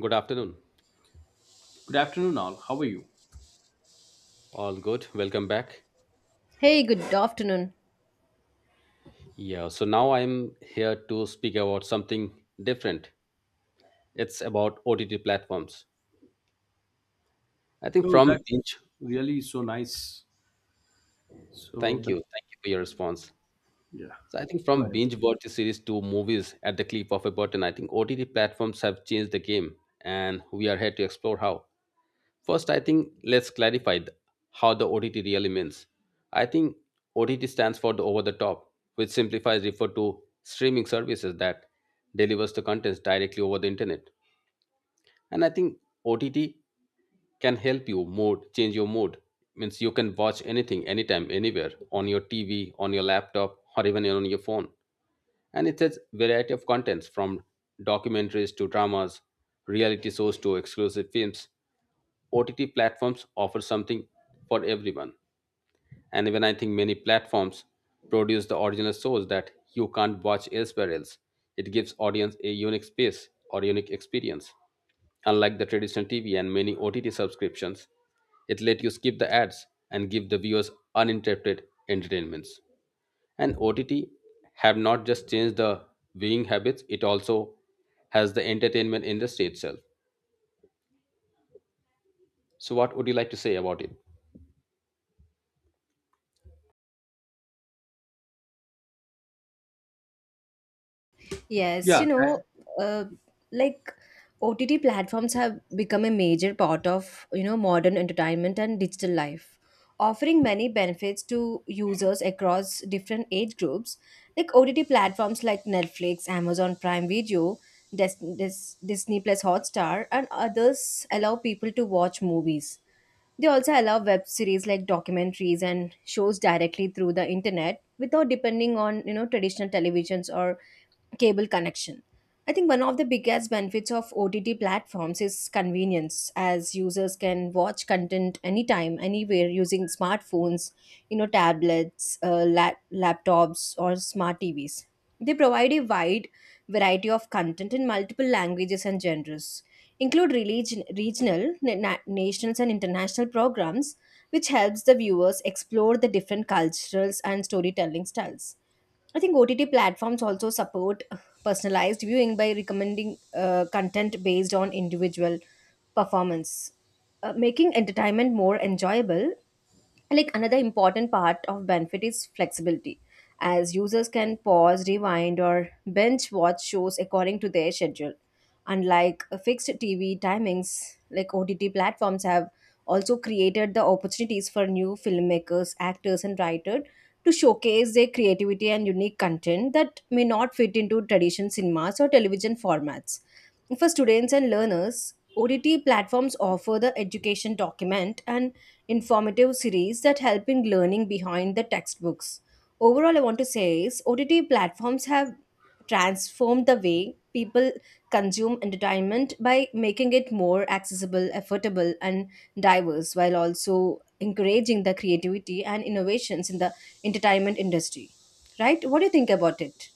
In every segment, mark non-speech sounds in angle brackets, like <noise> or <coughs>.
Good afternoon. Good afternoon, all. How are you? All good. Welcome back. Hey, good afternoon. Yeah, so now I'm here to speak about something different. It's about OTT platforms. I think Oh, from that's binge, really so nice. So, thank you. that, Thank you for your response. yeah, So I think go from ahead. binge watch series to movies at the clip of a button, I think OTT platforms have changed the game, and we are here to explore how. First, I think let's clarify how the OTT really means. I think OTT stands for the over the top, which simplifies refer to streaming services that delivers the contents directly over the internet. And I think OTT can help you mood, change your mood. Means you can watch anything, anytime, anywhere on your TV, on your laptop, or even on your phone. And it has variety of contents from documentaries to dramas, reality shows to exclusive films, OTT platforms offer something for everyone. And even I think many platforms produce the original shows that you can't watch elsewhere else. It gives audience a unique space or unique experience. Unlike the traditional TV and many OTT subscriptions, it let you skip the ads and give the viewers uninterrupted entertainments. And OTT have not just changed the viewing habits, it also has the entertainment industry itself. So what would you like to say about it? Yes, Yeah, you know, that, uh, like OTT platforms have become a major part of, you know, modern entertainment and digital life, offering many benefits to users across different age groups. Like OTT platforms like Netflix, Amazon Prime Video, Disney Plus Hotstar, and others allow people to watch movies. They also allow web series like documentaries and shows directly through the internet without depending on, you know, traditional televisions or cable connection. I think one of the biggest benefits of OTT platforms is convenience, as users can watch content anytime, anywhere using smartphones, you know, tablets, laptops, or smart TVs. They provide a wide variety of content in multiple languages and genres, include religion, regional, national, and international programs, which helps the viewers explore the different cultures and storytelling styles. I think OTT platforms also support personalized viewing by recommending content based on individual performance, making entertainment more enjoyable. Like another important part of benefit is flexibility, as users can pause, rewind, or binge watch shows according to their schedule, unlike fixed TV timings. Like OTT platforms have also created the opportunities for new filmmakers, actors, and writers to showcase their creativity and unique content that may not fit into traditional cinemas or television formats. For students and learners, OTT platforms offer the education document and informative series that help in learning behind the textbooks. Overall, I want to say is OTT platforms have transformed the way people consume entertainment by making it more accessible, affordable, and diverse, while also encouraging the creativity and innovations in the entertainment industry. Right? What do you think about it?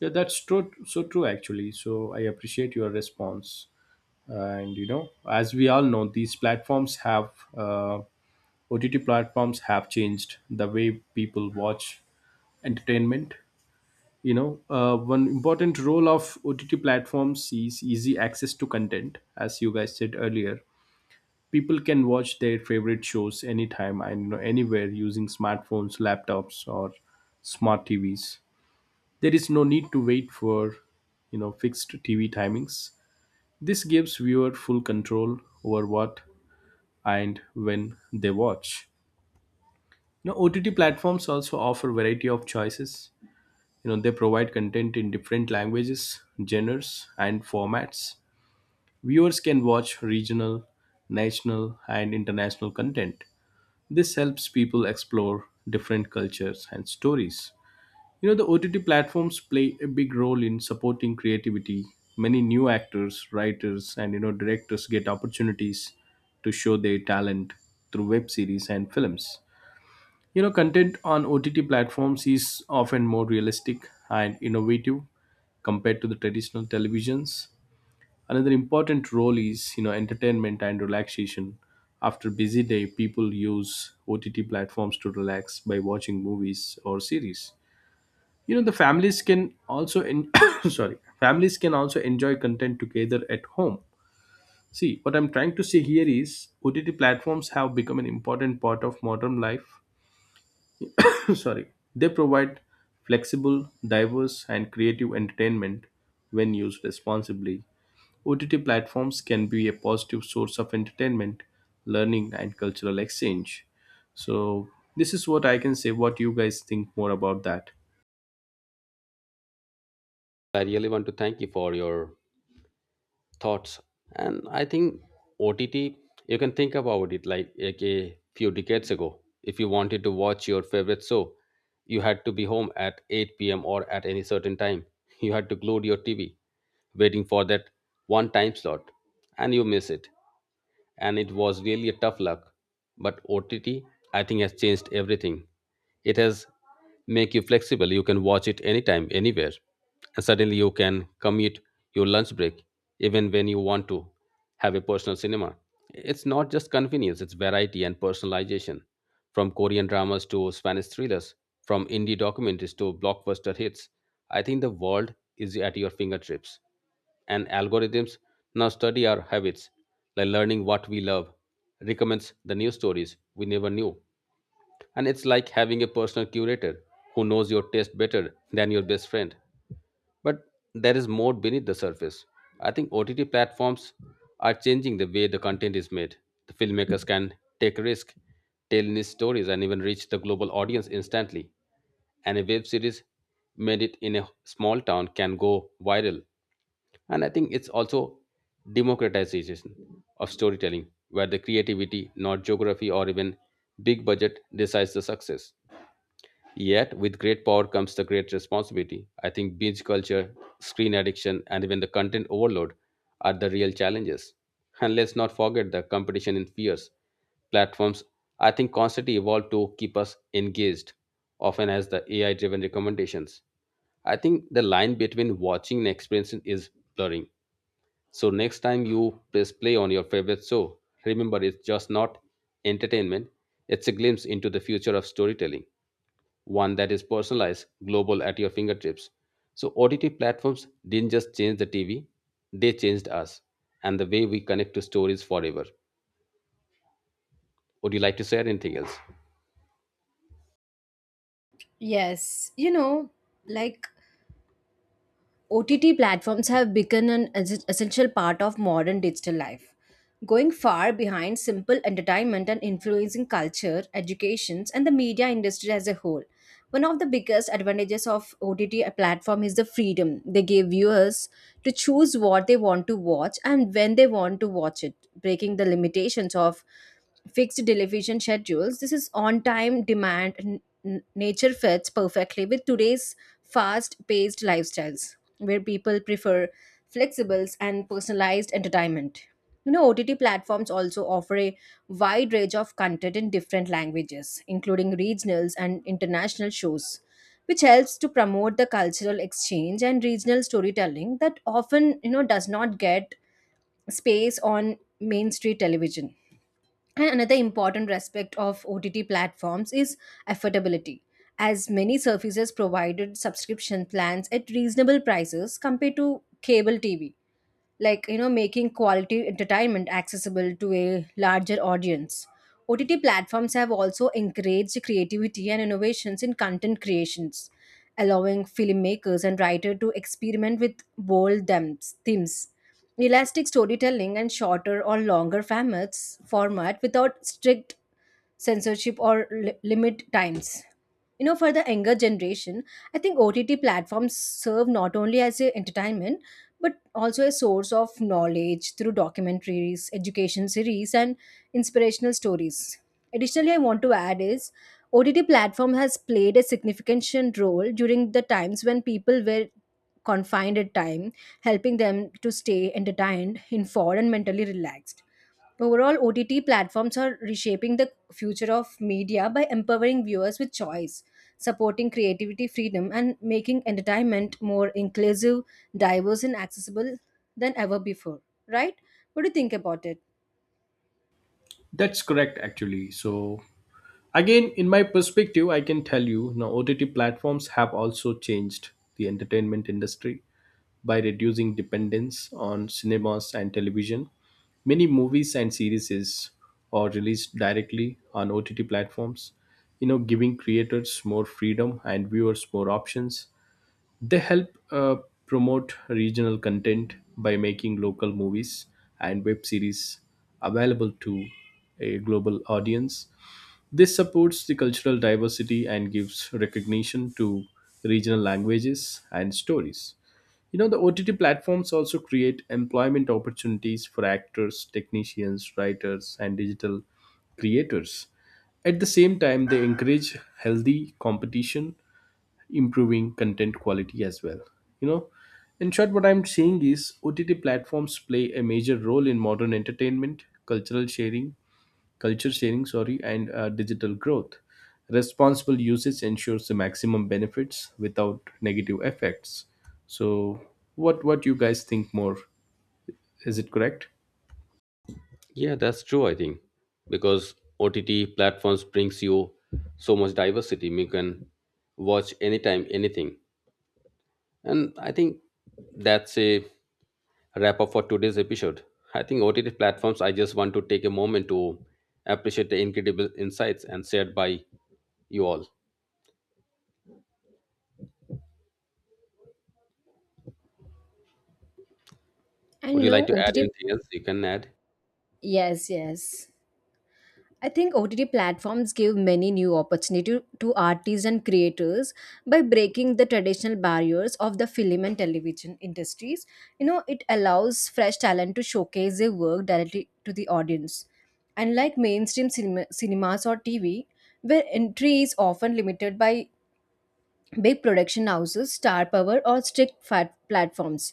yeah, that's true. So true, actually. So, I appreciate your response. And you know, as we all know, these platforms have uh, OTT platforms have changed the way people watch entertainment. One important role of OTT platforms is easy access to content, as you guys said earlier, people can watch their favorite shows anytime and anywhere using smartphones, laptops, or smart TVs. There is no need to wait for, you know, fixed TV timings. This gives viewer full control over what and when they watch. You know, OTT platforms also offer variety of choices. You know, they provide content in different languages, genres, and formats. Viewers can watch regional, national, and international content. This helps people explore different cultures and stories. You know, the OTT platforms play a big role in supporting creativity. Many new actors, writers, and you know, directors get opportunities to show their talent through web series and films. You know, content on OTT platforms is often more realistic and innovative compared to the traditional televisions. Another important role is, you know, entertainment and relaxation. After busy day, people use OTT platforms to relax by watching movies or series. You know, the families can also en- <coughs> sorry, families can also enjoy content together at home. See, what I'm trying to say here is OTT platforms have become an important part of modern life. <coughs> sorry, They provide flexible, diverse, and creative entertainment when used responsibly. OTT platforms can be a positive source of entertainment, learning, and cultural exchange. So, this is what I can say. What you guys think more about that? I really want to thank you for your thoughts. And I think OTT, you can think about it like a few decades ago. If you wanted to watch your favorite show, you had to be home at 8 p.m. or at any certain time. <laughs> You had to glued your TV, waiting for that one time slot, and you miss it, and it was really a tough luck. But OTT, I think, has changed everything. It has make you flexible. You can watch it anytime, anywhere, and suddenly you can commute your lunch break, even when you want to have a personal cinema. It's not just convenience; it's variety and personalization. From Korean dramas to Spanish thrillers, from indie documentaries to blockbuster hits, I think the world is at your fingertips, and algorithms now study our habits, like learning what we love, recommends the new stories we never knew. And it's like having a personal curator who knows your taste better than your best friend. But there is more beneath the surface. I think OTT platforms are changing the way the content is made. The filmmakers can take risk, tell niche stories, and even reach the global audience instantly. And a web series made it in a small town can go viral, and I think it's also democratization of storytelling, where the creativity, not geography or even big budget, decides the success. Yet with great power comes the great responsibility. I think binge culture, screen addiction, and even the content overload are the real challenges. And let's not forget the competition in fierce platforms. I think constantly evolve to keep us engaged, often as the AI driven recommendations. I think the line between watching and experiencing is blurring. So next time you press play on your favorite show, remember it's just not entertainment, it's a glimpse into the future of storytelling, one that is personalized, global at your fingertips. So OTT platforms didn't just change the TV, they changed us and the way we connect to stories forever. Would you like to say anything else? Yes, you know, like OTT platforms have become an essential part of modern digital life, going far behind simple entertainment and influencing culture, educations, and the media industry as a whole. One of the biggest advantages of OTT platform is the freedom they give viewers to choose what they want to watch and when they want to watch it, breaking the limitations of fixed television schedules. This is on time demand. Nature fits perfectly with today's fast paced lifestyles, where people prefer flexibles and personalized entertainment. You know, OTT platforms also offer a wide range of content in different languages, including regionals and international shows, which helps to promote the cultural exchange and regional storytelling that often, you know, does not get space on mainstream television. And another important aspect of OTT platforms is affordability. As many services provided subscription plans at reasonable prices compared to cable TV, like, you know, making quality entertainment accessible to a larger audience. OTT platforms have also encouraged creativity and innovations in content creations, allowing filmmakers and writers to experiment with bold themes, elastic storytelling and shorter or longer format without strict censorship or limit times. You know, for the younger generation, I think OTT platforms serve not only as a entertainment but also a source of knowledge through documentaries, education series, and inspirational stories. Additionally, I want to add is OTT platform has played a significant role during the times when people were confined at time, helping them to stay entertained, informed, and mentally relaxed. Overall, OTT platforms are reshaping the future of media by empowering viewers with choice, supporting creativity freedom, and making entertainment more inclusive, diverse, and accessible than ever before. Right? What do you think about it? That's correct, actually. So, again, in my perspective, I can tell you now OTT platforms have also changed the entertainment industry by reducing dependence on cinemas and television. Many movies and series are released directly on OTT platforms, you know, giving creators more freedom and viewers more options. They help promote regional content by making local movies and web series available to a global audience. This supports the cultural diversity and gives recognition to regional languages and stories. You know, the OTT platforms also create employment opportunities for actors, technicians, writers, and digital creators. At the same time, they encourage healthy competition, improving content quality as well. You know, in short, what I'm saying is OTT platforms play a major role in modern entertainment, culture sharing, and digital growth. Responsible usage ensures the maximum benefits without negative effects. So, what you guys think more? Is it correct? Yeah, that's true, I think, because OTT platforms brings you so much diversity. You can watch anytime, anything. And I think that's a wrap up for today's episode. I think OTT platforms, I just want to take a moment to appreciate the incredible insights and shared by you all. And Would you you like know, to add OTT. anything else? You can add. Yes, yes. I think OTT platforms give many new opportunities to artists and creators by breaking the traditional barriers of the film and television industries. You know, it allows fresh talent to showcase their work directly to the audience. Unlike mainstream cinemas or TV, where entry is often limited by big production houses, star power, or strict fat platforms.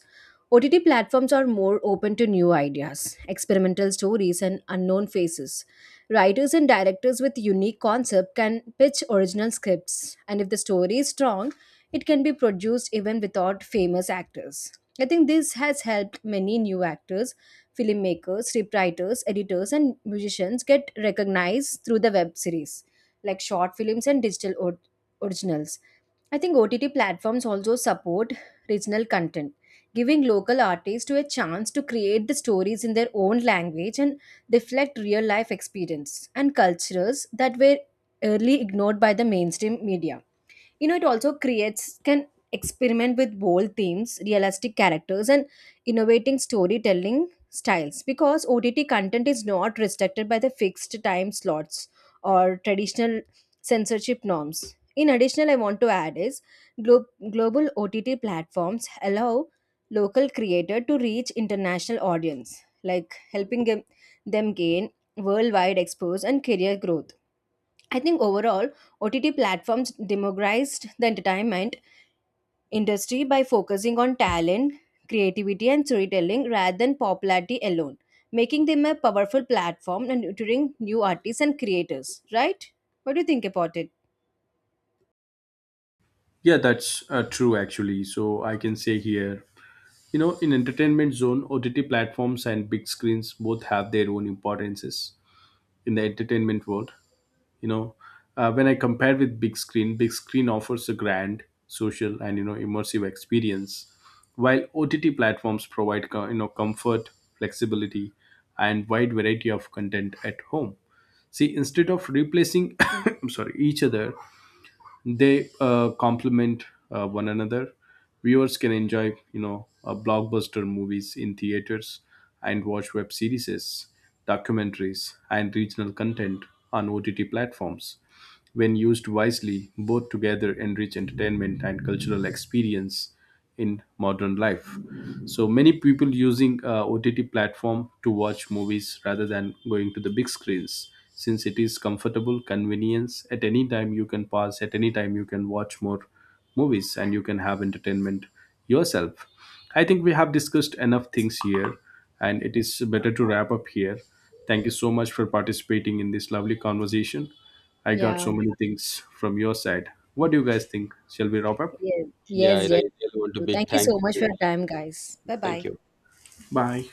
OTT platforms are more open to new ideas, experimental stories, and unknown faces. Writers and directors with unique concept can pitch original scripts, and if the story is strong, it can be produced even without famous actors. I think this has helped many new actors, filmmakers, scriptwriters, editors, and musicians get recognized through the web series, like short films and digital originals. I think OTT platforms also support regional content, giving local artists a chance to create the stories in their own language and reflect real life experience and cultures that were early ignored by the mainstream media. You know, it also creates can experiment with bold themes, realistic characters, and innovating storytelling styles, because OTT content is not restricted by the fixed time slots or traditional censorship norms. In addition, I want to add is glo- global OTT platforms allow local creator to reach international audience, like helping them gain worldwide exposure and career growth. I think overall, OTT platforms democratized the entertainment industry by focusing on talent, creativity, and storytelling rather than popularity alone, making them a powerful platform and nurturing new artists and creators. Right? What do you think about it? Yeah, that's True actually. So I can say here, you know, in entertainment zone, OTT platforms and big screens both have their own importances in the entertainment world. You know when I compare with big screen offers a grand social and, you know, immersive experience, while OTT platforms provide comfort, flexibility, and wide variety of content at home. See, instead of replacing <coughs> I'm sorry each other, they complement one another. Viewers can enjoy, you know, blockbuster movies in theaters and watch web series, documentaries, and regional content on OTT platforms. When used wisely, both together enrich entertainment and cultural experience in modern life. So many people using OTT platform to watch movies rather than going to the big screens, since it is comfortable, convenience. At any time you can pause, at any time you can watch more movies and you can have entertainment yourself. I think we have discussed enough things here and it is better to wrap up here. Thank you so much for participating in this lovely conversation. I got so Yeah. many things from your side. What do you guys think? Shall we wrap up? Yes. Yeah, Yes. I Yes. really want to big Thank you thank so much you to for all. your time, guys. Bye Thank bye. you. Bye.